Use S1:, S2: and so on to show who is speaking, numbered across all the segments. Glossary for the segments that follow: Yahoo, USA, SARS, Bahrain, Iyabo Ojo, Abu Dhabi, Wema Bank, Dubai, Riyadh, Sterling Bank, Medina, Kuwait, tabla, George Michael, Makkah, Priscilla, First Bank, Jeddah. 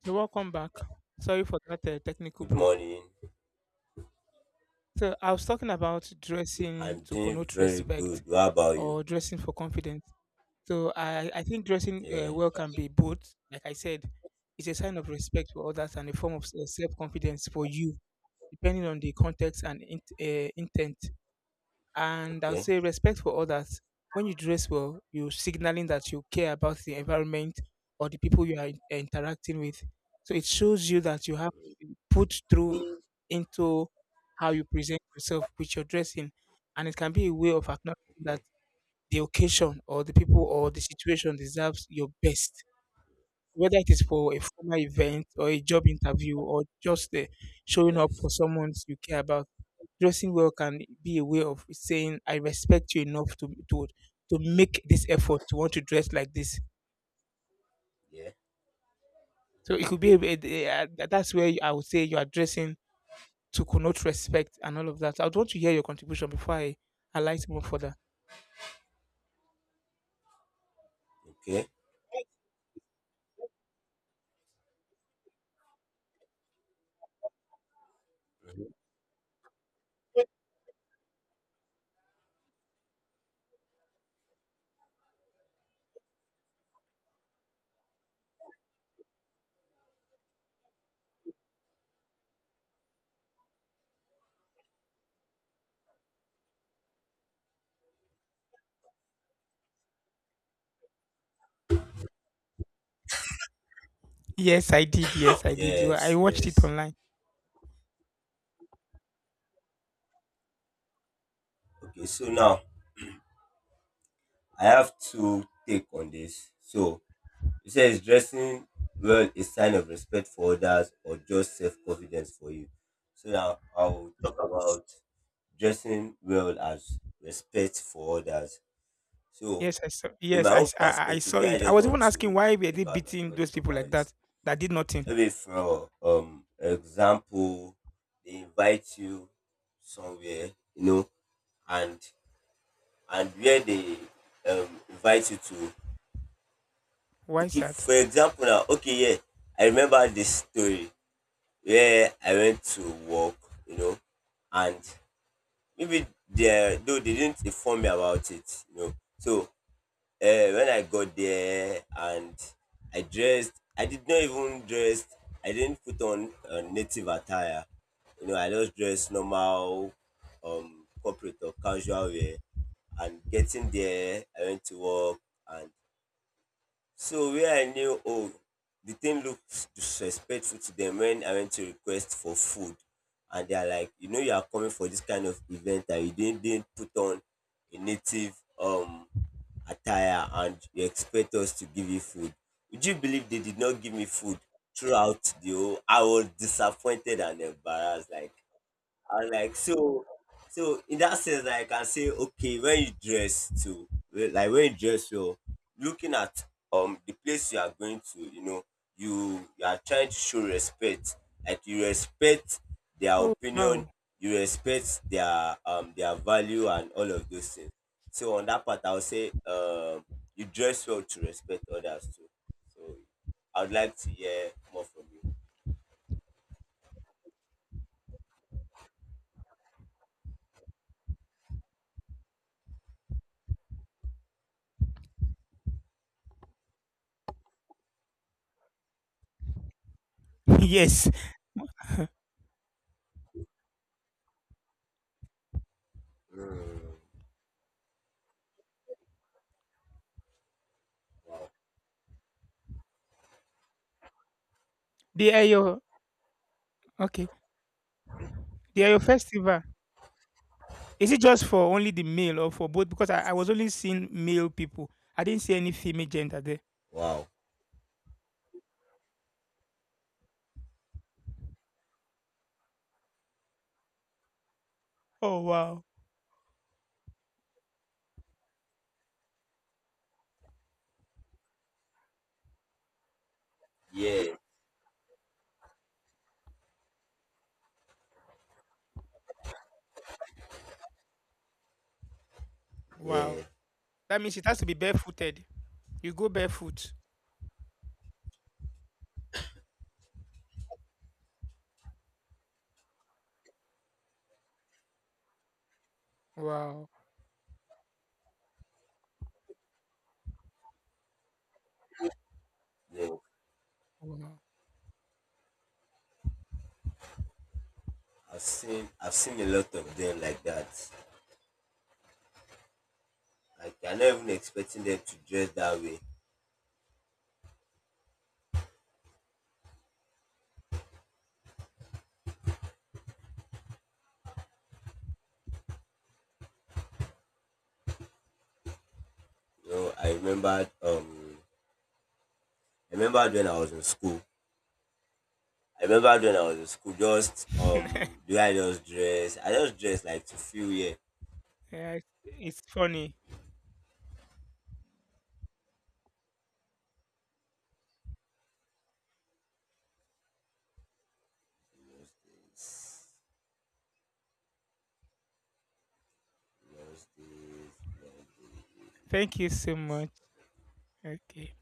S1: So welcome back. Sorry for that technical
S2: Good
S1: break.
S2: morning.
S1: So I was talking about dressing
S2: I'm
S1: to
S2: doing
S1: connote
S2: very
S1: respect
S2: good. How about you?
S1: or dressing for confidence. So I think dressing
S2: Yeah.
S1: well can be both. Like I said, it's a sign of respect for others and a form of self-confidence for you, depending on the context and intent. And I would
S2: Okay.
S1: say respect for others. When you dress well, you're signaling that you care about the environment or the people you are interacting with. So it shows you that you have put through into how you present yourself with your dressing, and it can be a way of acknowledging that
S2: Okay.
S1: the occasion or the people or the situation deserves your best. Whether it is for a formal event or a job interview or just showing up
S2: Yes.
S1: for someone you care about, dressing well can be a way of saying I respect you enough to make this effort to want to dress like this.
S2: Yeah.
S1: So it could be that's where I would say you are dressing to connote respect and all of that. I'd want to hear your contribution before I alight more further.
S2: Okay. Mhm.
S1: Yes, I did. Yes, I did. Well, I
S2: Yes.
S1: watched it
S2: Yes.
S1: online.
S2: Okay. So now I have to take on this. So you say, is dressing well a sign of respect for others or just self confidence for you? So now I'll talk about dressing well as respect for others. So
S1: Yes, I saw.
S2: in
S1: Yes,
S2: my own
S1: I
S2: perspective,
S1: saw
S2: where I
S1: it. I
S2: just
S1: was
S2: want
S1: even asking
S2: to
S1: why were they
S2: pick out my
S1: beating
S2: point
S1: those
S2: from
S1: people
S2: now
S1: like
S2: is...
S1: that that did nothing.
S2: Maybe, for example, they invite you somewhere, you know, and and where they invite you to.
S1: Why is
S2: Okay,
S1: that?
S2: for example now, okay, yeah, I remember this story where I went to work, you know, and maybe they though they didn't inform me about it, you know. So when I got there and I dressed, I did not even dress, I didn't put on native attire. You know, I just dressed normal, corporate or casual wear. And getting there, I went to work. And so where I knew, oh, the thing looks disrespectful to them when I went to request for food. And they're like, you know, you are coming for this kind of event and you didn't put on a native um attire and you expect us to give you food. Would you believe they did not give me food throughout the whole? I was disappointed and embarrassed. Like, and like so, so in that sense, like, I can say, okay, when you dress to like when you dress, you're looking at the place you are going to, you know, you are trying to show respect, like you respect their
S1: Oh
S2: opinion,
S1: wow.
S2: you respect their value and all of those things. So on that part, I would say, you dress well to respect others too. So I would like to hear more from you.
S1: Yes,
S2: Mm, wow.
S1: they are your okay. They are your festival. Is it just for only the male or for both? Because I was only seeing male people. I didn't see any female gender there.
S2: Wow.
S1: Oh wow.
S2: Yeah. Yeah,
S1: Wow. That means it has to be barefooted. You go barefoot. Wow.
S2: no.
S1: Wow.
S2: I've seen a lot of them like that. Like I'm not even expecting them to dress that way. You know, I remembered when I was in school. I remembered when I was in school, just
S1: Yeah,
S2: do I just dress, I just dress like to feel, yeah.
S1: it's funny.
S2: Those days.
S1: Thank you so much. Okay.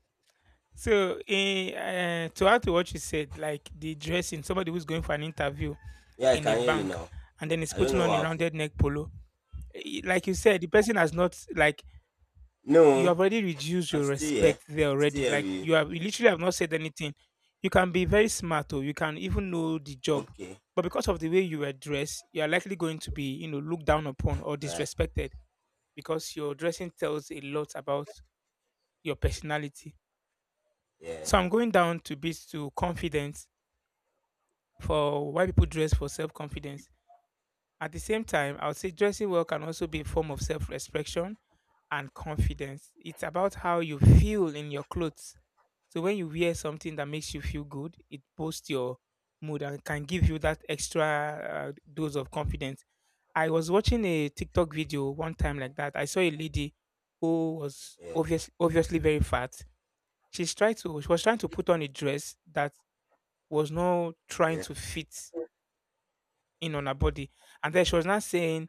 S1: So, to add to what you said, like the dressing, somebody who's going for an interview
S2: Yeah, I
S1: in a
S2: can hear you
S1: bank
S2: now.
S1: and then is
S2: I don't
S1: putting
S2: know
S1: on a
S2: what happened.
S1: rounded neck polo. Like you said, the person has not like you
S2: No,
S1: have already reduced
S2: I'm
S1: your
S2: still here.
S1: respect there
S2: Still
S1: already.
S2: here with
S1: Like
S2: you.
S1: you literally have not said anything. You can be very smart or you can even know the job.
S2: Okay.
S1: But because of the way you were dressed, you are likely going to be, you know, looked down upon or
S2: Alright.
S1: disrespected because your dressing tells a lot about your personality. So
S2: Yeah.
S1: I'm going down to bits to confidence for why people dress for
S2: Okay.
S1: self-confidence. At the same time, I would say dressing well can also be a form of self-reflection and confidence. It's about how you feel in your clothes. So when you wear something that makes you feel good, it boosts your mood and can give you that extra dose of confidence. I was watching a TikTok video one time like that. I saw a lady who was
S2: Yeah.
S1: obviously very fat. She was trying to put on a dress that was not trying
S2: Yeah.
S1: to fit in on her body. And then she was not saying,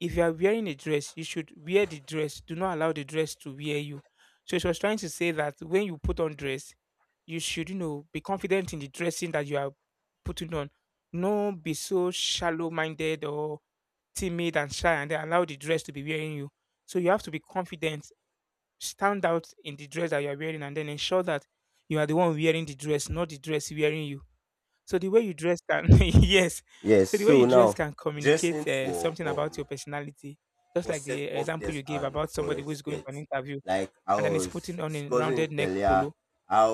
S1: if you are wearing a dress, you should wear the dress. Do not allow the dress to wear you. So she was trying to say that when you put on dress, you should, you know, be confident in the dressing that you are putting on. No be so shallow minded or timid and shy and then allow the dress to be wearing you. So you have to be confident, stand out in the dress that you are wearing, and then ensure that you are the one wearing the dress, not the dress wearing you. So the way you dress can yes.
S2: Yes.
S1: So the way you
S2: So
S1: dress
S2: now,
S1: can
S2: dressing
S1: communicate something about your personality. Just
S2: for
S1: like
S2: self
S1: the example
S2: confidence
S1: you gave
S2: and
S1: about
S2: for
S1: somebody who is going for
S2: respect.
S1: an interview
S2: Like I
S1: and then is
S2: was
S1: putting on a
S2: discussing
S1: rounded neck
S2: earlier,
S1: polo.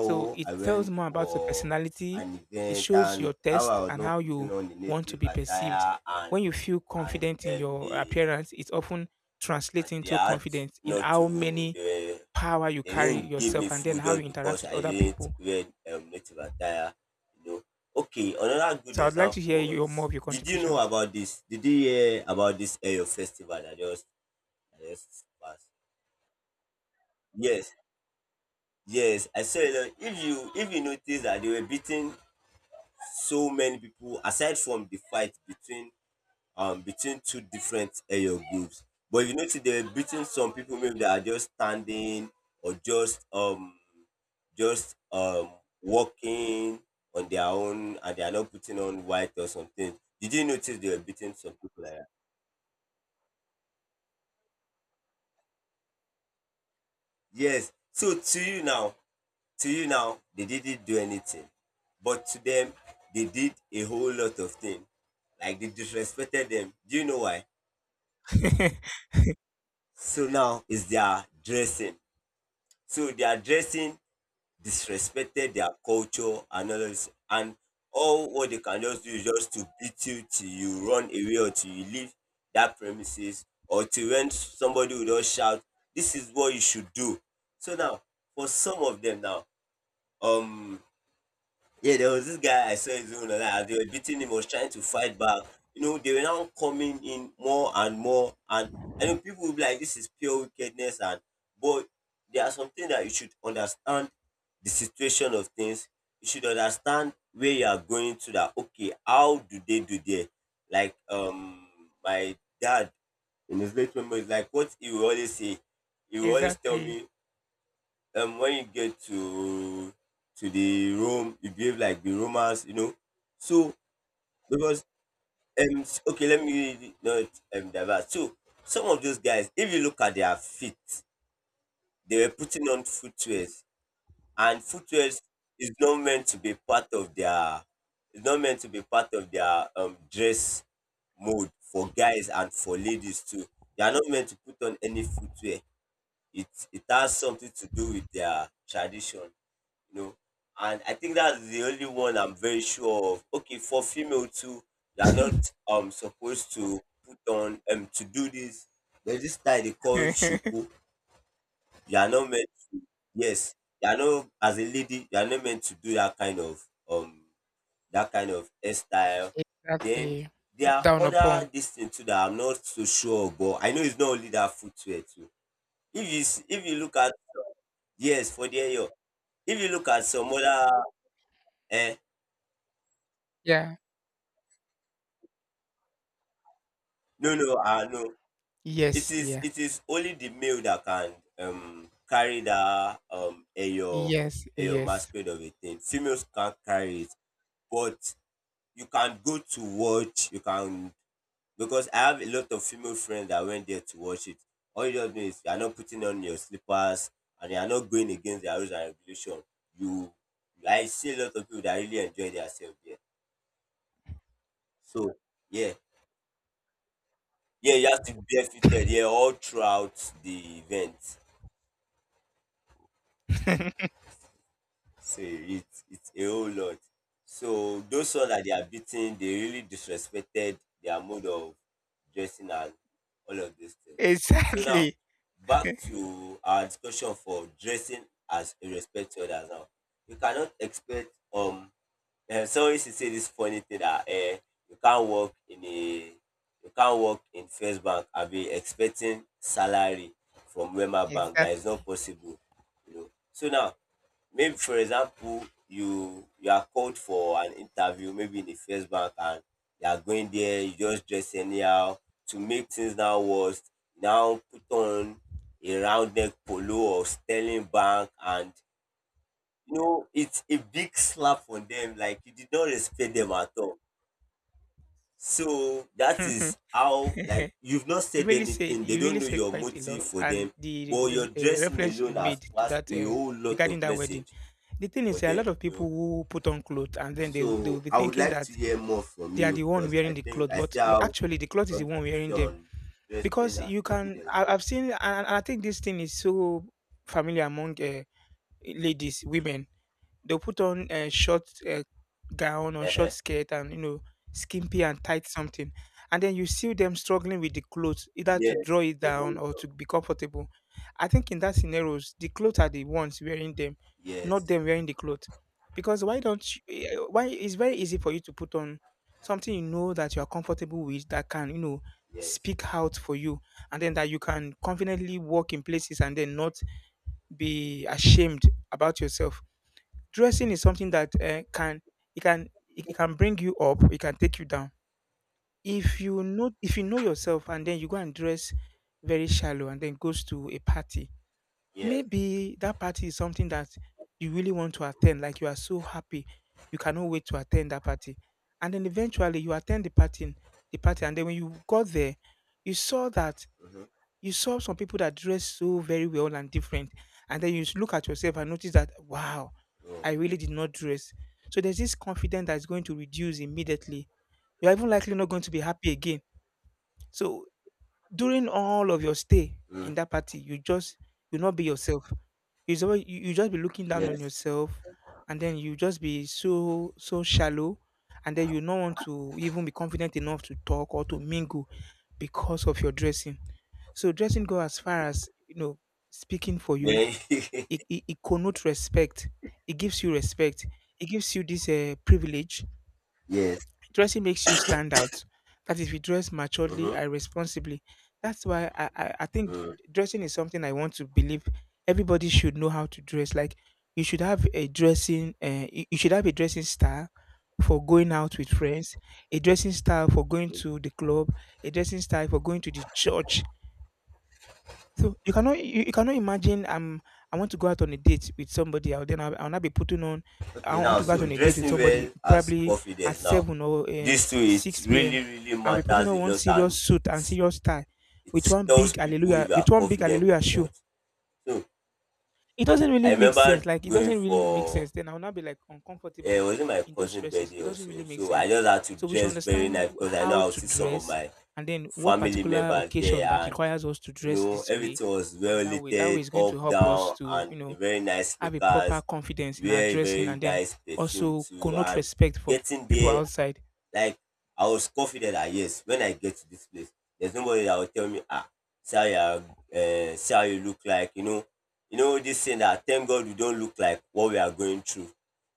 S1: So it
S2: I
S1: tells
S2: went
S1: more about your
S2: for
S1: personality.
S2: an
S1: It
S2: event
S1: shows
S2: and
S1: your
S2: how I
S1: taste
S2: was
S1: and
S2: not
S1: how
S2: putting
S1: you
S2: on the
S1: want to
S2: native
S1: be perceived.
S2: attire, and
S1: When you feel confident in your
S2: they,
S1: appearance, it often
S2: and
S1: translates
S2: they
S1: into
S2: had
S1: confidence in
S2: not to
S1: how many
S2: they were-
S1: power you
S2: they
S1: carry
S2: didn't give me
S1: yourself and then
S2: food
S1: how you
S2: just
S1: interact
S2: because
S1: with
S2: I
S1: other
S2: didn't
S1: people.
S2: wear native attire. You know. Okay, another good
S1: So I'd like to
S2: example
S1: hear
S2: was,
S1: your more of your
S2: did you know
S1: contributions.
S2: about this? Did you hear about this Ayo festival that just passed? Yes, yes. I saw a lot. If you notice that they were beating so many people aside from the fight between between two different area groups. But if you notice, they were beating some people maybe that are just standing or just walking on their own, and they are not putting on white or something. Did you notice they were beating some people like that? Yes. So to you now, to you now, they didn't do anything. But to them, they did a whole lot of things. Like they disrespected them. Do you know why? So now is their dressing. So their dressing disrespected their culture and all this. And all what they can just do is just to beat you till you run away or till you leave that premises or till when somebody will just shout, this is what you should do. So now, for some of them now, um, yeah, there was this guy I saw in Zone like, they were beating him, was trying to fight back. You know, they were now coming in more and more, and I know people will be like, "This is pure wickedness," and but there are something that you should understand, the situation of things. You should understand where you are going to. That okay, how do they do there? Like my dad, in his late memory, is like what he will always say, he will always tell
S1: Exactly.
S2: me when you get to the Rome, you behave like the Romans, you know. So because okay, let me not divert. So some of those guys, if you look at their feet, they were putting on footwears, and footwears is not meant to be part of their, it's not meant to be part of their dress mode for guys and for ladies too. They are not meant to put on any footwear. It has something to do with their tradition, you know. And I think that's the only one I'm very sure of. Okay, for female too, they are not supposed to put on to do this. There's this style they call shuku. You are not meant. Yes, you are not, as a lady. You are not meant to do that kind of hairstyle. Then
S1: Exactly.
S2: there
S1: Look
S2: are
S1: down
S2: other
S1: upon.
S2: distance too that I'm not so sure of, but I know it's not only that footwear too. If if you look at, yes, for the hair, if you look at some other eh
S1: Yeah.
S2: no, no, no, it
S1: Yes.
S2: is
S1: Yeah.
S2: it is only the male that can carry that eyo
S1: Yes.
S2: eyo
S1: Yes.
S2: masquerade of a thing. Females can't carry it, but you can go to watch. You can, because I have a lot of female friends that went there to watch it. All you just do is, you are not putting on your slippers and you are not going against the rules and regulation. You I see a lot of people that really enjoy themselves there. So yeah, yeah, you have to be barefooted, yeah, all throughout the event. So it's a whole lot. So those ones that they are beating, they really disrespected their mode of dressing and all of those things. So now,
S1: Exactly.
S2: back to our discussion for dressing as a respect to others now. You cannot expect someone used to say this funny thing that, you can't work in a, you can't work in First Bank and be expecting salary from Wema Bank. That is
S1: Exactly.
S2: not possible. You know. So now, maybe for example, you are called for an interview maybe in the First Bank, and you are going there, you just dress anyhow, to make things now worse, now put on a round neck polo or Sterling Bank, and you know it's a big slap on them, like you did not respect them at all. So that is how, like, you've not
S1: You
S2: said
S1: really said
S2: anything, they don't know your
S1: quite a lot,
S2: motive for
S1: and
S2: them, but your dressing
S1: reference
S2: alone
S1: you made
S2: has
S1: to
S2: passed
S1: that
S2: a whole lot
S1: regarding
S2: of
S1: that wedding.
S2: message
S1: The thing
S2: for
S1: is, a
S2: them,
S1: lot of
S2: you know.
S1: people who put on clothes and then they will
S2: So
S1: be
S2: I would
S1: thinking
S2: like
S1: that
S2: to hear more from
S1: they are
S2: you
S1: the one
S2: because I
S1: wearing the
S2: think
S1: clothes,
S2: I
S1: but
S2: still have
S1: actually the cloth is the
S2: something
S1: one
S2: to say
S1: wearing them
S2: on dressing
S1: because
S2: as
S1: you can.
S2: confidence.
S1: I've seen, and I think this thing is so familiar among ladies, women. They'll put on a short gown or short
S2: Uh-huh.
S1: skirt and you know skimpy and tight something, and then you see them struggling with the clothes either to draw
S2: Yes.
S1: it down
S2: Mhm.
S1: or to be comfortable. I think in that scenarios, the clothes are the ones wearing them, not
S2: Yes.
S1: them wearing the clothes. Because why don't you, why it's very easy for you to put on something you know that you are comfortable with that can you know
S2: Yes.
S1: speak out for you and then that you can confidently walk in places and then not be ashamed about yourself. Dressing is something that can it it can bring you up, it can take you down. If you know yourself and then you go and dress very shallow and then goes to a party,
S2: Yes.
S1: maybe that party is something that you really want to attend, like you are so happy, you cannot wait to attend that party. And then eventually you attend the party, and then when you got there, you saw that
S2: Mm-hmm.
S1: you saw some people that dress so very well and different, and then you look at yourself and notice that wow, I
S2: Mm-hmm.
S1: really did not dress. So there's this confidence that's going to reduce immediately. You're even likely not going to be happy again. So during all of your stay
S2: Mm-hmm.
S1: in that party, you just will not be yourself. You just be looking down on
S2: Yes.
S1: yourself, and then you just be so shallow, and then you not want to even be confident enough to talk or to mingle because of your dressing. So dressing go as far as you know speaking for you.
S2: Yeah.
S1: It connotes respect. It gives you respect. It gives you this privilege.
S2: yes.
S1: Dressing makes you stand out. That if you dress maturely
S2: Mm-hmm.
S1: and responsibly, that's why I think
S2: Mm.
S1: dressing is something I want to believe everybody should know how to dress. Like you should have a dressing, you you should have a dressing style for going out with friends, a dressing style for going to the club, a dressing style for going to the church, so you cannot you cannot imagine I want to go out on a date with somebody I'll then I'll not be putting on I
S2: Okay.
S1: want
S2: Now,
S1: to go out
S2: so
S1: on a date with
S2: dressing
S1: somebody
S2: well as
S1: probably at
S2: confidence. Now,
S1: seven or
S2: these two, it
S1: six p.m.
S2: really really
S1: I'll be putting
S2: matters
S1: on
S2: a
S1: one
S2: lot,
S1: serious
S2: and
S1: suit and
S2: it's,
S1: serious tie with
S2: it tells people if you are
S1: one big
S2: confident
S1: hallelujah
S2: or
S1: shoe.
S2: not. So
S1: It doesn't really
S2: I
S1: make sense.
S2: remember
S1: Like it
S2: going
S1: doesn't really make
S2: for,
S1: sense. Then I'll not be like
S2: yeah, it
S1: uncomfortable
S2: was in my
S1: in those
S2: cousin's
S1: dresses.
S2: birthday
S1: It doesn't really
S2: also.
S1: make
S2: So I
S1: sense.
S2: just had to
S1: So we should
S2: dress very
S1: understand
S2: nice because I know
S1: how
S2: I'll
S1: to
S2: see some of
S1: dress
S2: my
S1: and then what
S2: family
S1: particular
S2: members
S1: occasion
S2: there,
S1: that
S2: and
S1: requires us to
S2: you
S1: dress
S2: know
S1: this way
S2: everything was
S1: and
S2: well
S1: that way. That way
S2: lighted
S1: is going
S2: up
S1: to help us
S2: down,
S1: to, you
S2: and a
S1: know,
S2: very nice
S1: have a proper
S2: sneakers,
S1: confidence in our
S2: wear a
S1: dressing
S2: very
S1: and then
S2: nice perfume
S1: also
S2: too,
S1: connote
S2: and
S1: respect from
S2: getting
S1: people
S2: there,
S1: outside.
S2: like, I was confident that yes, when I get to this place, there's nobody that will tell me, ah, see how you are, see how you look like, you know this saying that thank God we don't look like what we are going through,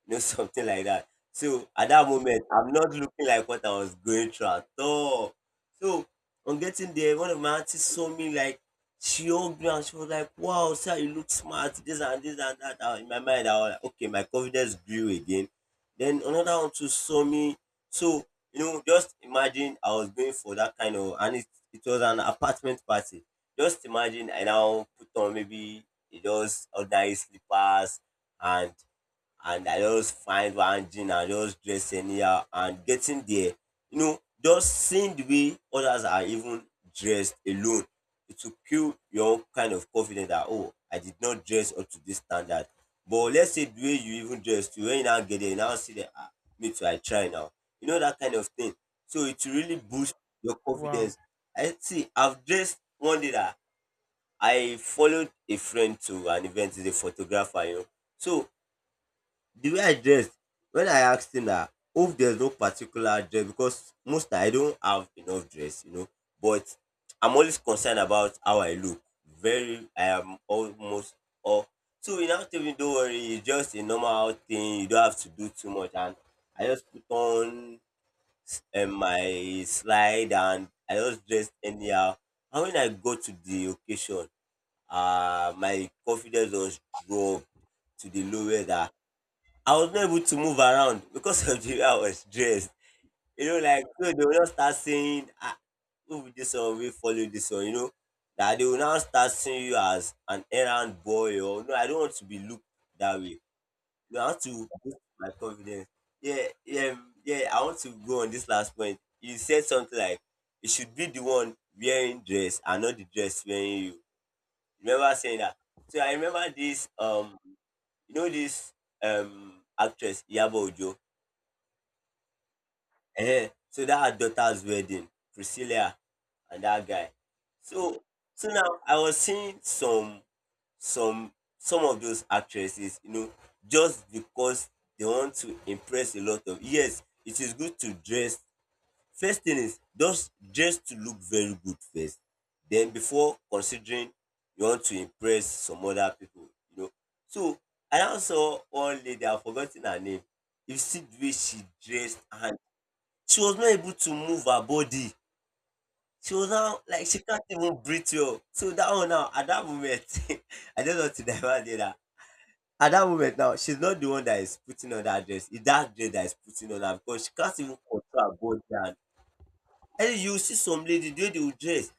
S2: you know, something like that. So at that moment, I'm not looking like what I was going through at all. So on getting there, one of my aunties saw me, like she hugged me and she was like, "Wow, sir, you look smart, this and this and that." And in my mind, I was like, okay, my confidence grew again. Then another one too saw me, so, you know, just imagine I was going for that kind of, and it was an apartment party. Just imagine I now put on maybe just ordinary slippers, and and I just find one jean and just dress anyhow, and getting there, you know, just seeing the way others are even dressed alone, it will kill your own kind of confidence that oh, I did not dress up to this standard. But let's say the way you even dress to, when you now get there, you now see that ah, me too, I try now. You know that kind of thing. So it will really boost your
S1: Wow.
S2: confidence. I see I've dressed one day that I followed a friend to an event, he's a photographer, you know. So the way I dressed, when I asked him that if there's no particular dress, because most time I don't have enough dress, you know, but I'm always concerned about how I look. Very, I am almost all. So he now told me, don't worry, it's just a normal thing. You don't have to do too much. And I just put on my slide and I just dressed anyhow. And when I go to the occasion, my confidence was dropped to the lowest. I was not able to move around because of the way I was dressed. You know, like so they will just start saying, ah, who be this one wey follow this one, you know. That they will now start seeing you as an errand boy or no, I don't want to be looked that way. You have to boost my confidence. Yeah, yeah, yeah, I want to go on this last point. You said something like, "It should be the one wearing dress and not the dress wearing you." Remember saying that? So I remember this this actress Iyabo Ojo. Ehen, so that her daughter's wedding, Priscilla and that guy. So so now I was seeing some some of those actresses, you know, just because they want to impress a lot of, yes, it is good to dress. First thing is just dress to look very good first. Then before considering you want to impress some other people, you know. So I now saw one lady, I've forgotten her name. You see the way she dressed and she was not able to move her body. She was now like she can't even breathe well. So that one now at that moment, I don't just want to divert did that. At that moment now, she's not the one that is putting on that dress. It's that dress that is putting on her because she can't even control her body. And you see some lady the way they will dress,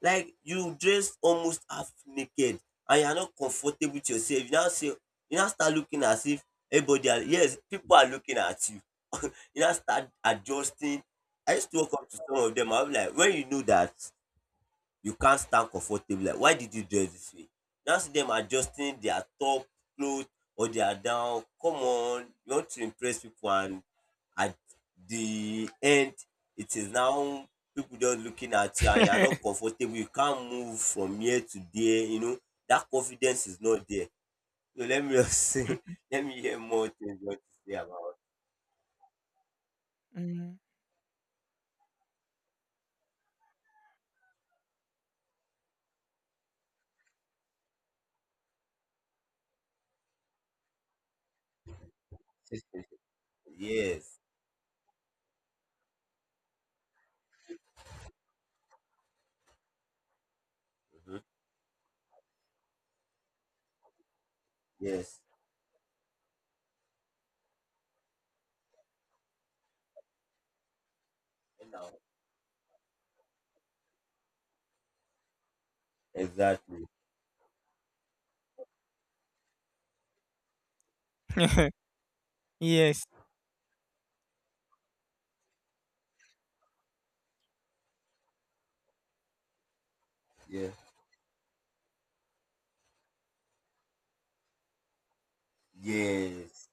S2: like you dress almost half naked and you are not comfortable with yourself. You now say you now start looking as if everybody are, yes, people are looking at you. You now start adjusting. I used to walk up to some of them. I'll be like, when you know that you can't stand comfortably, like, why did you dress this way? Now see them adjusting their top clothes or their down. Come on, you want to impress people, and at the end, it is now people just looking at you, and you are not comfortable. You can't move from here to there. You know that confidence is not there. So let me just say, let me hear more things you want to say
S1: Mhm.
S2: about. Yes. Mm-hmm. Yes. Exactly.
S1: Yes,
S2: Yeah. Yes.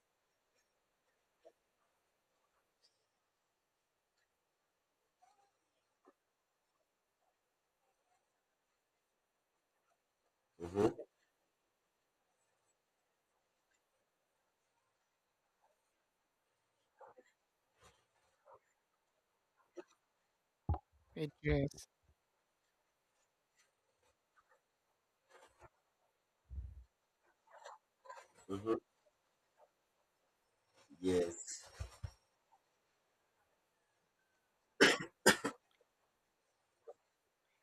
S2: Mm-hmm.
S1: a dress.
S2: Mm-hmm. Yes.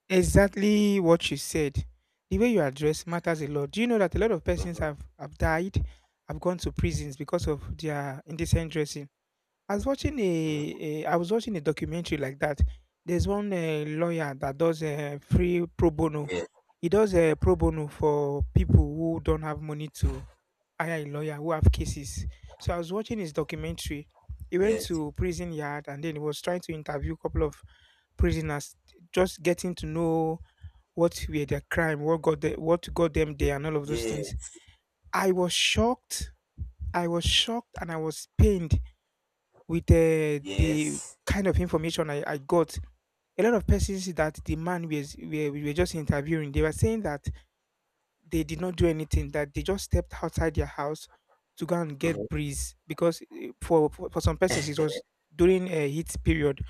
S1: Exactly what you said. The way you are dressed matters a lot. Do you know that a lot of persons
S2: Mm-hmm.
S1: have died, have gone to prisons because of their indecent dressing? I was watching
S2: Mm-hmm.
S1: a I was watching a documentary like that. There's one lawyer that does free pro bono.
S2: Yes.
S1: He does a pro bono for people who don't have money to hire a lawyer who have cases. So I was watching his documentary. He went
S2: Yes.
S1: to prison yard and then he was trying to interview a couple of prisoners, just getting to know what were their crime, what got what got them there, and all of those things.
S2: Yes.
S1: I was shocked. I was shocked and I was pained with the
S2: Yes.
S1: kind of information I got, a lot of persons that the man was were, we were just interviewing, they were saying that they did not do anything, that they just stepped outside their house to go and
S2: Mm-hmm.
S1: get breeze because for some persons it was during a heat period,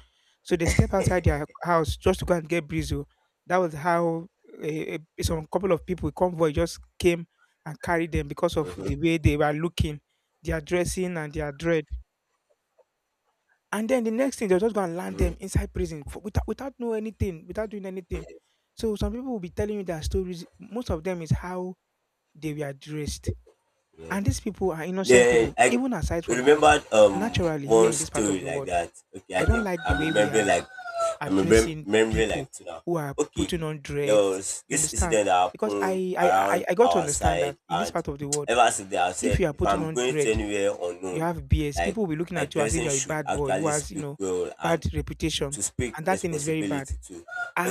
S1: so they step outside their house just to go and get breeze. Oh. That was how some couple of people convoy just came and carried them because of
S2: Mm-hmm.
S1: the way they were looking, their dressing and their dread. And then the next thing, they'll just go and land
S2: Mm-hmm.
S1: them inside prison for, without knowing anything, without doing anything. So some people will be telling you their stories. Most of them is how they were dressed,
S2: Yes.
S1: and these people are innocent
S2: Yeah,
S1: people.
S2: I
S1: Even aside from that,
S2: remembered
S1: naturally here
S2: one
S1: in this part of
S2: story
S1: the
S2: like
S1: world,
S2: that. Okay,
S1: I don't like the way we are
S2: I'm
S1: addressing
S2: remembering like
S1: people
S2: two now.
S1: who are
S2: Okay,
S1: putting on
S2: there
S1: dreads.
S2: was
S1: You
S2: this
S1: understand?
S2: incident that
S1: Because
S2: happened
S1: I I I,
S2: around
S1: I got to
S2: our
S1: understand
S2: side,
S1: that in this
S2: and
S1: part of the world,
S2: ever since then I've
S1: if
S2: said
S1: you are
S2: if
S1: putting
S2: I'm
S1: on
S2: going to
S1: dread,
S2: anywhere
S1: you
S2: unknown,
S1: have BS,
S2: like
S1: people will be looking
S2: my
S1: at you as if
S2: dressing
S1: you're a
S2: should
S1: bad boy who
S2: actually
S1: has, you
S2: speak
S1: know,
S2: well
S1: bad
S2: and
S1: reputation.
S2: to speak
S1: And that thing is very bad.
S2: responsibility to.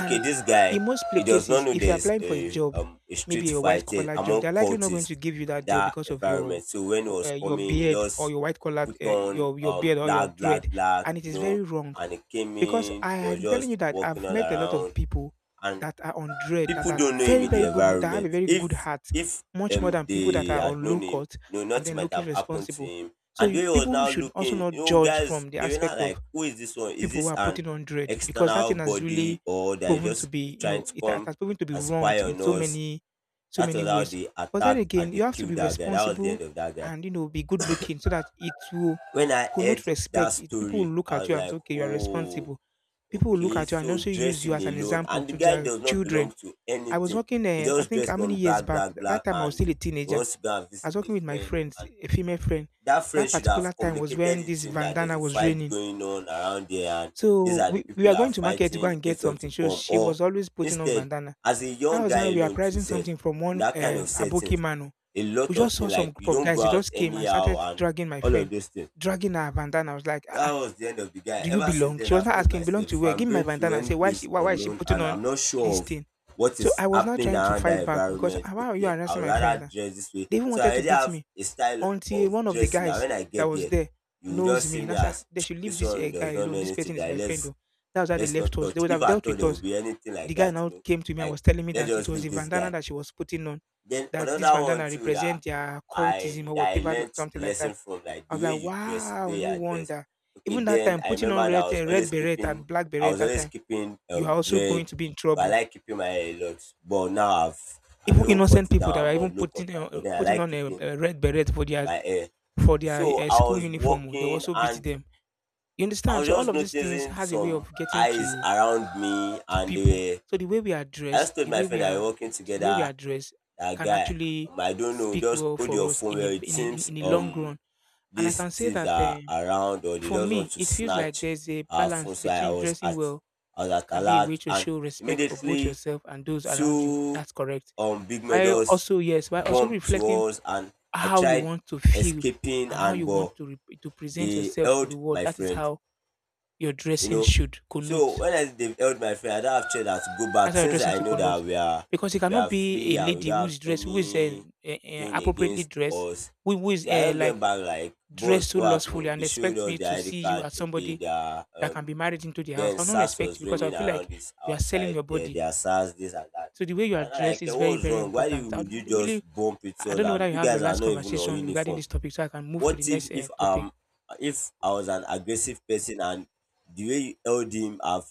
S2: Okay, this guy,
S1: in most
S2: he does not
S1: cases,
S2: know
S1: if you're
S2: there's
S1: applying for a job,
S2: a street
S1: maybe a white
S2: fight,
S1: collar job,
S2: among
S1: they're likely not going
S2: cultists
S1: to give you
S2: in
S1: that job
S2: that
S1: because of
S2: environment. So when he was
S1: your
S2: coming, he
S1: beard or
S2: just
S1: your white collar,
S2: put on
S1: your beard or your
S2: black, black,
S1: dread,
S2: black,
S1: and it
S2: you
S1: is
S2: know,
S1: very wrong
S2: and he came
S1: because
S2: in
S1: I
S2: was
S1: am telling you
S2: just
S1: that
S2: walking
S1: I've
S2: all
S1: met a lot of
S2: around,
S1: people
S2: and
S1: that are on Dread, that
S2: Pipu
S1: are
S2: don't know him
S1: very,
S2: in
S1: very
S2: the
S1: good, that have a
S2: environment.
S1: very good heart,
S2: If
S1: much more than people that
S2: they
S1: are
S2: had
S1: on low
S2: known him,
S1: cut
S2: no,
S1: and
S2: nothing
S1: then
S2: might
S1: look
S2: have happened to
S1: irresponsible.
S2: him.
S1: So
S2: And the
S1: you,
S2: way he was
S1: people
S2: now
S1: should also
S2: looking, you
S1: not
S2: know,
S1: judge
S2: guys,
S1: from the
S2: they were not
S1: aspect of
S2: like, who is this one? Is
S1: people who
S2: this
S1: are
S2: an
S1: putting on Dread because that
S2: external
S1: thing has
S2: body
S1: really
S2: or they're
S1: proven to
S2: just
S1: be, you
S2: trying
S1: know,
S2: to
S1: it
S2: come
S1: has proven to be
S2: and
S1: wronged
S2: spy
S1: in
S2: on
S1: so
S2: us?
S1: many, so
S2: That
S1: many
S2: was how
S1: ways.
S2: they
S1: But then
S2: attacked and
S1: again,
S2: they
S1: you have to be
S2: killed that guy. That was the
S1: responsible
S2: end of that guy.
S1: and, you know, be good looking so that it will
S2: When I
S1: connote
S2: heard that
S1: respect. It, people will
S2: story,
S1: look
S2: I
S1: at
S2: was
S1: you and say,
S2: like,
S1: okay, you are
S2: oh,
S1: responsible. People will look
S2: okay,
S1: at you and
S2: so
S1: also use you
S2: dressing
S1: as an
S2: alone.
S1: example
S2: And the
S1: to
S2: guy
S1: their
S2: does not
S1: children.
S2: belong to
S1: I was
S2: anything.
S1: working,
S2: He
S1: I
S2: just
S1: think, how
S2: dressed
S1: many
S2: on
S1: years
S2: black,
S1: back?
S2: black,
S1: That
S2: black,
S1: time I was
S2: and
S1: still a
S2: he
S1: teenager.
S2: wants to go and
S1: I
S2: visit
S1: was
S2: a
S1: working with my
S2: friend.
S1: friends,
S2: And
S1: a female friend.
S2: that friend
S1: That
S2: should have
S1: particular time was
S2: communicated
S1: when
S2: it
S1: this
S2: to him that there's
S1: bandana
S2: a
S1: was
S2: fight
S1: raining.
S2: going on around there, and these
S1: So
S2: are the
S1: we
S2: people
S1: were
S2: that are
S1: going to market to go
S2: fighting in
S1: and get
S2: case you want
S1: something.
S2: to
S1: So
S2: come.
S1: she
S2: Or
S1: was always putting on
S2: instead,
S1: bandana.
S2: as a
S1: That
S2: young
S1: was
S2: guy
S1: how we were
S2: alone, too,
S1: pricing
S2: self,
S1: something from one
S2: in that kind of
S1: Aboki
S2: settings,
S1: mano.
S2: a
S1: We
S2: lot of
S1: just saw
S2: things
S1: some
S2: like
S1: group
S2: you
S1: of
S2: don't
S1: guys.
S2: go
S1: They
S2: out
S1: just came and
S2: anyhow,
S1: started
S2: and
S1: dragging my
S2: all
S1: friend,
S2: of those things,
S1: dragging her bandana. I was like, "Ah,
S2: that was the end of the guy.
S1: do you
S2: Ever since
S1: belong?" She
S2: then,
S1: was
S2: I've
S1: not
S2: told
S1: asking, "Belong
S2: myself
S1: to
S2: if
S1: where?
S2: I'm
S1: Give me my
S2: going to
S1: bandana." And
S2: any
S1: say, why she
S2: place
S1: why, why is she
S2: unknown
S1: putting
S2: and
S1: on
S2: I'm not
S1: this
S2: sure of
S1: thing?
S2: what
S1: So
S2: is
S1: I was now
S2: happening
S1: trying to
S2: around
S1: fight
S2: that
S1: back because,
S2: environment,
S1: "Ah, why are you
S2: okay,
S1: harassing
S2: I'll
S1: my friends
S2: rather
S1: now?"
S2: dress this way.
S1: They even
S2: So I
S1: wanted to
S2: already
S1: beat
S2: have
S1: me
S2: a style
S1: until
S2: of
S1: one of the
S2: dressing that
S1: guys
S2: when I
S1: that
S2: get
S1: was
S2: there,
S1: there
S2: you will
S1: knows
S2: just see
S1: me. And
S2: me
S1: I said, "Ah,
S2: as
S1: they should leave
S2: this
S1: this
S2: one
S1: guy
S2: does not know
S1: alone. This
S2: anything,
S1: person is
S2: that
S1: my friend."
S2: let's
S1: Though. That was how they
S2: not
S1: left us. They
S2: touch.
S1: would
S2: If
S1: have
S2: I
S1: dealt
S2: thought
S1: with
S2: there would
S1: us.
S2: be anything like
S1: The guy
S2: that, you
S1: now
S2: know,
S1: came to me and
S2: like,
S1: was telling me
S2: let's
S1: that it
S2: just
S1: was
S2: leave
S1: a
S2: this
S1: bandana
S2: guy.
S1: that she was putting on,
S2: Then
S1: that this
S2: another one
S1: bandana
S2: too
S1: represent their cultism or
S2: that I
S1: whatever,
S2: learnt
S1: something
S2: a
S1: like that.
S2: lesson from, like
S1: I
S2: the
S1: was
S2: way
S1: like,
S2: you dress, the
S1: wow,
S2: way you
S1: no
S2: are dressed.
S1: wonder.
S2: Okay,
S1: Even that
S2: then
S1: time,
S2: I
S1: putting on
S2: remember that
S1: red red beret and black
S2: I
S1: beret
S2: was
S1: that
S2: always
S1: time,
S2: keeping
S1: you are also
S2: dread
S1: going to be in
S2: because I
S1: trouble.
S2: like keeping my hair a lot. But now I've
S1: Even
S2: even
S1: innocent
S2: cut it
S1: people that
S2: down,
S1: are
S2: I'm
S1: even
S2: on low cut
S1: putting
S2: now, but then I
S1: putting
S2: like
S1: on
S2: keeping
S1: a red beret
S2: my hair.
S1: for their
S2: So I
S1: school
S2: was
S1: uniform, oh, they
S2: walking
S1: also beat
S2: and
S1: them. You
S2: I
S1: understand?
S2: was
S1: So all
S2: just
S1: of these things
S2: noticing
S1: has a way
S2: some
S1: of getting
S2: eyes around me,
S1: to
S2: and
S1: people.
S2: they were
S1: So the way we are
S2: I
S1: dressed,
S2: just told
S1: the
S2: my
S1: way we
S2: friend that we were
S1: are,
S2: walking
S1: the way we are
S2: together,
S1: dressed,
S2: that
S1: can
S2: guy,
S1: actually
S2: I don't know,
S1: speak
S2: just
S1: well
S2: hold
S1: for
S2: your
S1: us
S2: phone
S1: in a
S2: where it
S1: in a, in
S2: seems
S1: in the long run. And I
S2: these
S1: can say
S2: thieves
S1: that
S2: are around or they
S1: for
S2: just want
S1: me,
S2: to
S1: it feels like
S2: snatch
S1: there's a
S2: our phone.
S1: balance
S2: So
S1: between dressing well
S2: I was at
S1: can be a
S2: alert,
S1: way to
S2: and
S1: show respect for both
S2: immediately
S1: yourself and those around you.
S2: two
S1: That's correct.
S2: big men
S1: While
S2: just
S1: also yes, while also
S2: bumped to
S1: reflecting
S2: us, and I
S1: how you
S2: tried
S1: want to feel,
S2: escaping,
S1: and how
S2: and
S1: you want
S2: but
S1: to to present
S2: they
S1: yourself to the
S2: held
S1: world.
S2: my
S1: That is
S2: friend,
S1: how your
S2: you
S1: dressing
S2: know.
S1: should connote.
S2: So when I, they've held my friend, I don't have choice than to go
S1: That's
S2: back
S1: why your
S2: since
S1: dressing
S2: I
S1: to
S2: know that
S1: connote. Because it
S2: we
S1: cannot
S2: are
S1: be
S2: free
S1: a
S2: and we
S1: lady
S2: don't have
S1: who's dressed, who is
S2: anything
S1: appropriately
S2: against
S1: dressed,
S2: us.
S1: who is
S2: So I just went
S1: like
S2: back like,
S1: dressed
S2: boss,
S1: so
S2: what
S1: lustfully
S2: happened?
S1: and
S2: They showed
S1: expect
S2: us
S1: me
S2: the
S1: to
S2: ID
S1: see you
S2: card.
S1: as
S2: Okay,
S1: somebody
S2: they are,
S1: that can be married into the house.
S2: then
S1: I'll not
S2: SARS
S1: respect
S2: was
S1: you because I
S2: raining
S1: feel like
S2: around this
S1: you are selling
S2: outside.
S1: your
S2: There,
S1: body.
S2: they are SARS this and that.
S1: So the way you are
S2: And I'm
S1: dressed
S2: like, "Eh,
S1: is very,
S2: what's
S1: very
S2: wrong? Why did
S1: important. I
S2: would you
S1: would
S2: just
S1: really,
S2: bump into
S1: I
S2: us?
S1: don't know whether
S2: And
S1: you
S2: you
S1: have your
S2: guys are
S1: last
S2: not even on
S1: conversation regarding
S2: uniform.
S1: this topic, so I can move to the
S2: What
S1: next topic.
S2: if I was an aggressive person and the way you held him have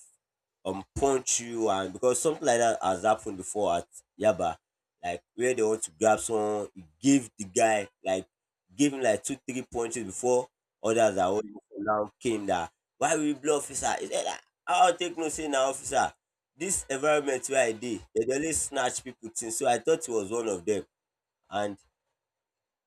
S2: punch you, and because something like that has happened before at Yaba, like where they want to grab someone, you give him like two three punches before others are holding him." Now came that, why we blow officer? He said, "Ah, I'll take no say now officer. This environment where I dey, they dey always snatch people things, so I thought he was one of them," and,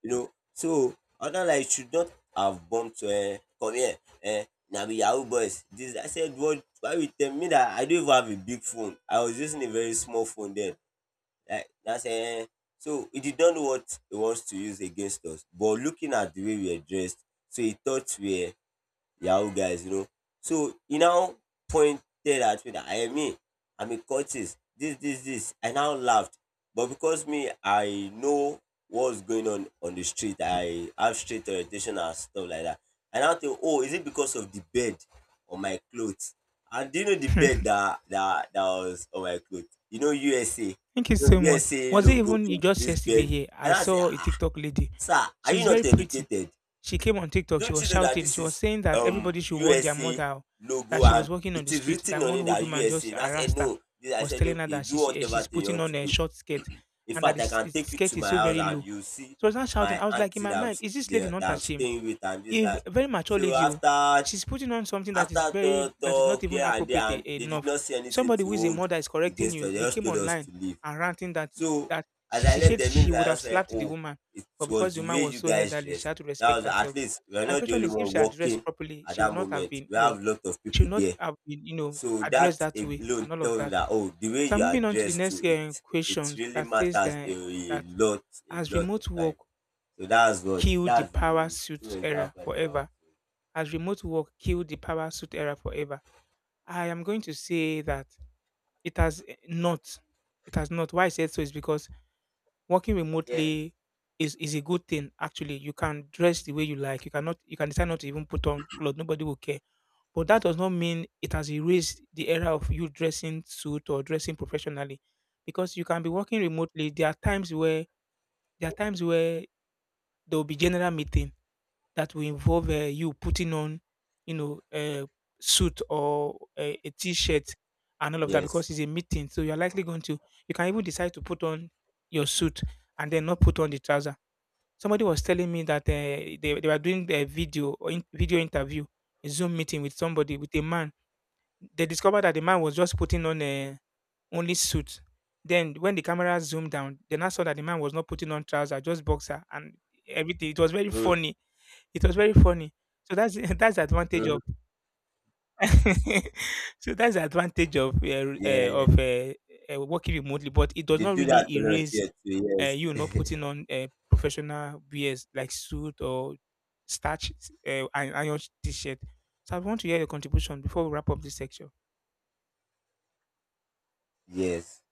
S2: you know. So other, like, should not have bumped to come here. um Na be yahoo boys this. I said, what, why you tell me that? I don't even have a big phone. I was using a very small phone then. Like that's so he did not know what he wants to use against us, but looking at the way we were dressed, so he thought we were Yahoo guys, you know. So he now pointed at me that I am me, I'm a cultist, this, this, this. I now laughed. But because me, I know what's going on the street, I have street orientation and stuff like that. And I now think, oh, is it because of the bed on my clothes? And do you know the bed that was on my clothes? You know USA, you
S1: Thank you
S2: know,
S1: so much.
S2: USA
S1: Was it
S2: logo,
S1: even you
S2: is
S1: just
S2: this
S1: yesterday
S2: bed.
S1: here? I
S2: And I say,
S1: saw a
S2: ah,
S1: TikTok lady.
S2: sir, are you
S1: She's
S2: not
S1: very pretty.
S2: educated?
S1: She came on TikTok. She
S2: Don't
S1: was
S2: you know that
S1: shouting.
S2: this
S1: She was
S2: is
S1: saying that everybody should warn their
S2: USA
S1: mother that
S2: logo
S1: she was
S2: and
S1: walking on
S2: it
S1: the
S2: is
S1: street.
S2: written
S1: That
S2: on
S1: one
S2: it
S1: old
S2: that
S1: woman
S2: USA?
S1: just
S2: And I said,
S1: harassed her,
S2: no. Then I
S1: was
S2: said,
S1: telling her
S2: okay,
S1: that
S2: do whatever
S1: she's
S2: thing you
S1: putting
S2: want
S1: on
S2: to
S1: a
S2: do.
S1: short skirt
S2: In
S1: and that the
S2: fact, I can
S1: the
S2: take you
S1: skirt
S2: to
S1: is
S2: my
S1: so
S2: house
S1: very
S2: and
S1: low.
S2: you see
S1: So I was not shouting.
S2: my
S1: I was like, in
S2: auntie
S1: my
S2: that I'm,
S1: mind, is this lady not
S2: that I'm
S1: ashamed?
S2: staying with, and this,
S1: If
S2: that.
S1: a very mature
S2: So
S1: lady, oh, she's putting on something that is
S2: after
S1: very
S2: talk,
S1: that is not
S2: talk
S1: even
S2: here and there,
S1: appropriate
S2: and they did
S1: enough.
S2: not see anything
S1: Somebody
S2: to
S1: who is a
S2: hold
S1: mother is correcting
S2: against us.
S1: you.
S2: They
S1: You
S2: just
S1: came
S2: told us
S1: online
S2: to leave.
S1: and ranting that
S2: So
S1: that
S2: as
S1: she,
S2: I
S1: she
S2: left
S1: said
S2: the
S1: she
S2: minute,
S1: would
S2: I
S1: have
S2: just said,
S1: slapped the
S2: oh,
S1: woman,
S2: it
S1: but
S2: was
S1: because the
S2: the
S1: woman
S2: way
S1: was
S2: you
S1: so
S2: guys
S1: elderly, she
S2: dress.
S1: had to
S2: That
S1: respect
S2: was, at
S1: herself.
S2: least we're
S1: My
S2: not the
S1: question
S2: only
S1: is, if
S2: one
S1: she addressed
S2: walking
S1: properly,
S2: at
S1: she would
S2: that
S1: not have
S2: moment.
S1: been,
S2: We
S1: you know,
S2: have a lot of
S1: she
S2: people
S1: would not
S2: there.
S1: have been, you know,
S2: So
S1: addressed
S2: that
S1: that way
S2: alone
S1: and all of
S2: tells me
S1: that.
S2: that, oh, the way
S1: So I'm
S2: you are
S1: moving on to the
S2: dressed
S1: next
S2: too, it
S1: question
S2: really
S1: that says
S2: matters
S1: that
S2: a
S1: has
S2: lot of
S1: remote
S2: time.
S1: work
S2: So
S1: killed the
S2: that's
S1: power
S2: the two
S1: suit era
S2: examples I said I want to
S1: forever? Has remote work killed the power suit era forever? I am going to say that it has not. It has not. Why I said so is because working
S2: give. Yes.
S1: remotely is a good thing actually. You can dress the way you like. You can decide not to even put on clothes. Nobody will care. But that does not mean it has erased the era of you dressing suit or dressing professionally. Because you can be working remotely. There are times where there will be general meeting that will involve you putting on, you know, a suit or a t-shirt and all of that
S2: Yes.
S1: because it's a meeting. So you're likely going to, you can even decide to put on your suit and then not put on the trouser. Somebody was telling me that they were doing a video or video interview, a Zoom meeting with somebody, with a man. They discovered that the man was just putting on a only suit. Then when the camera zoomed down, then I saw that the man was not putting on trousers, just boxer and everything. It was very
S2: Mm,
S1: funny it was very funny. So that's that's the advantage
S2: mm,
S1: of so that's the advantage of
S2: yeah.
S1: working remotely, but it does
S2: They
S1: not
S2: do that
S1: really
S2: a lot
S1: erase
S2: here too,
S1: you not
S2: yes.
S1: putting on professional wears like suit or starch and iron t-shirt. So I want to hear your contribution before we wrap up this section.
S2: Yes.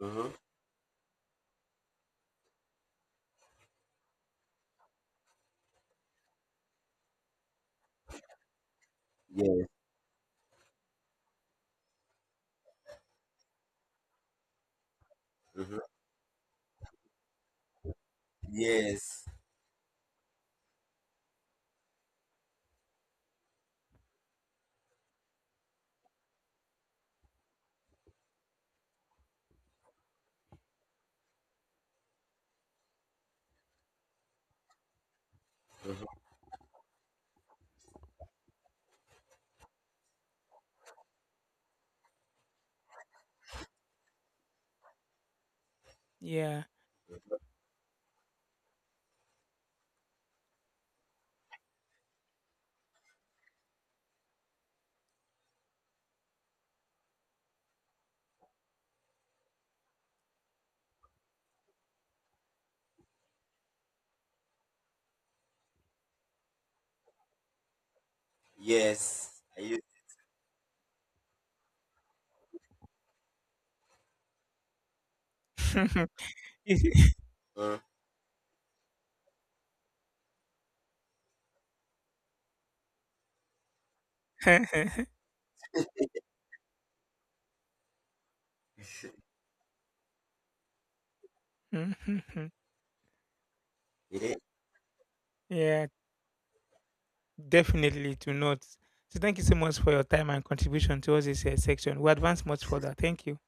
S2: Mm-hmm. Yes. Mm-hmm. Yes,
S1: Yeah.
S2: yes. I used mm, it is
S1: Yeah, definitely to note. So thank you so much for your time and contribution towards this section. We advance much further. Thank you.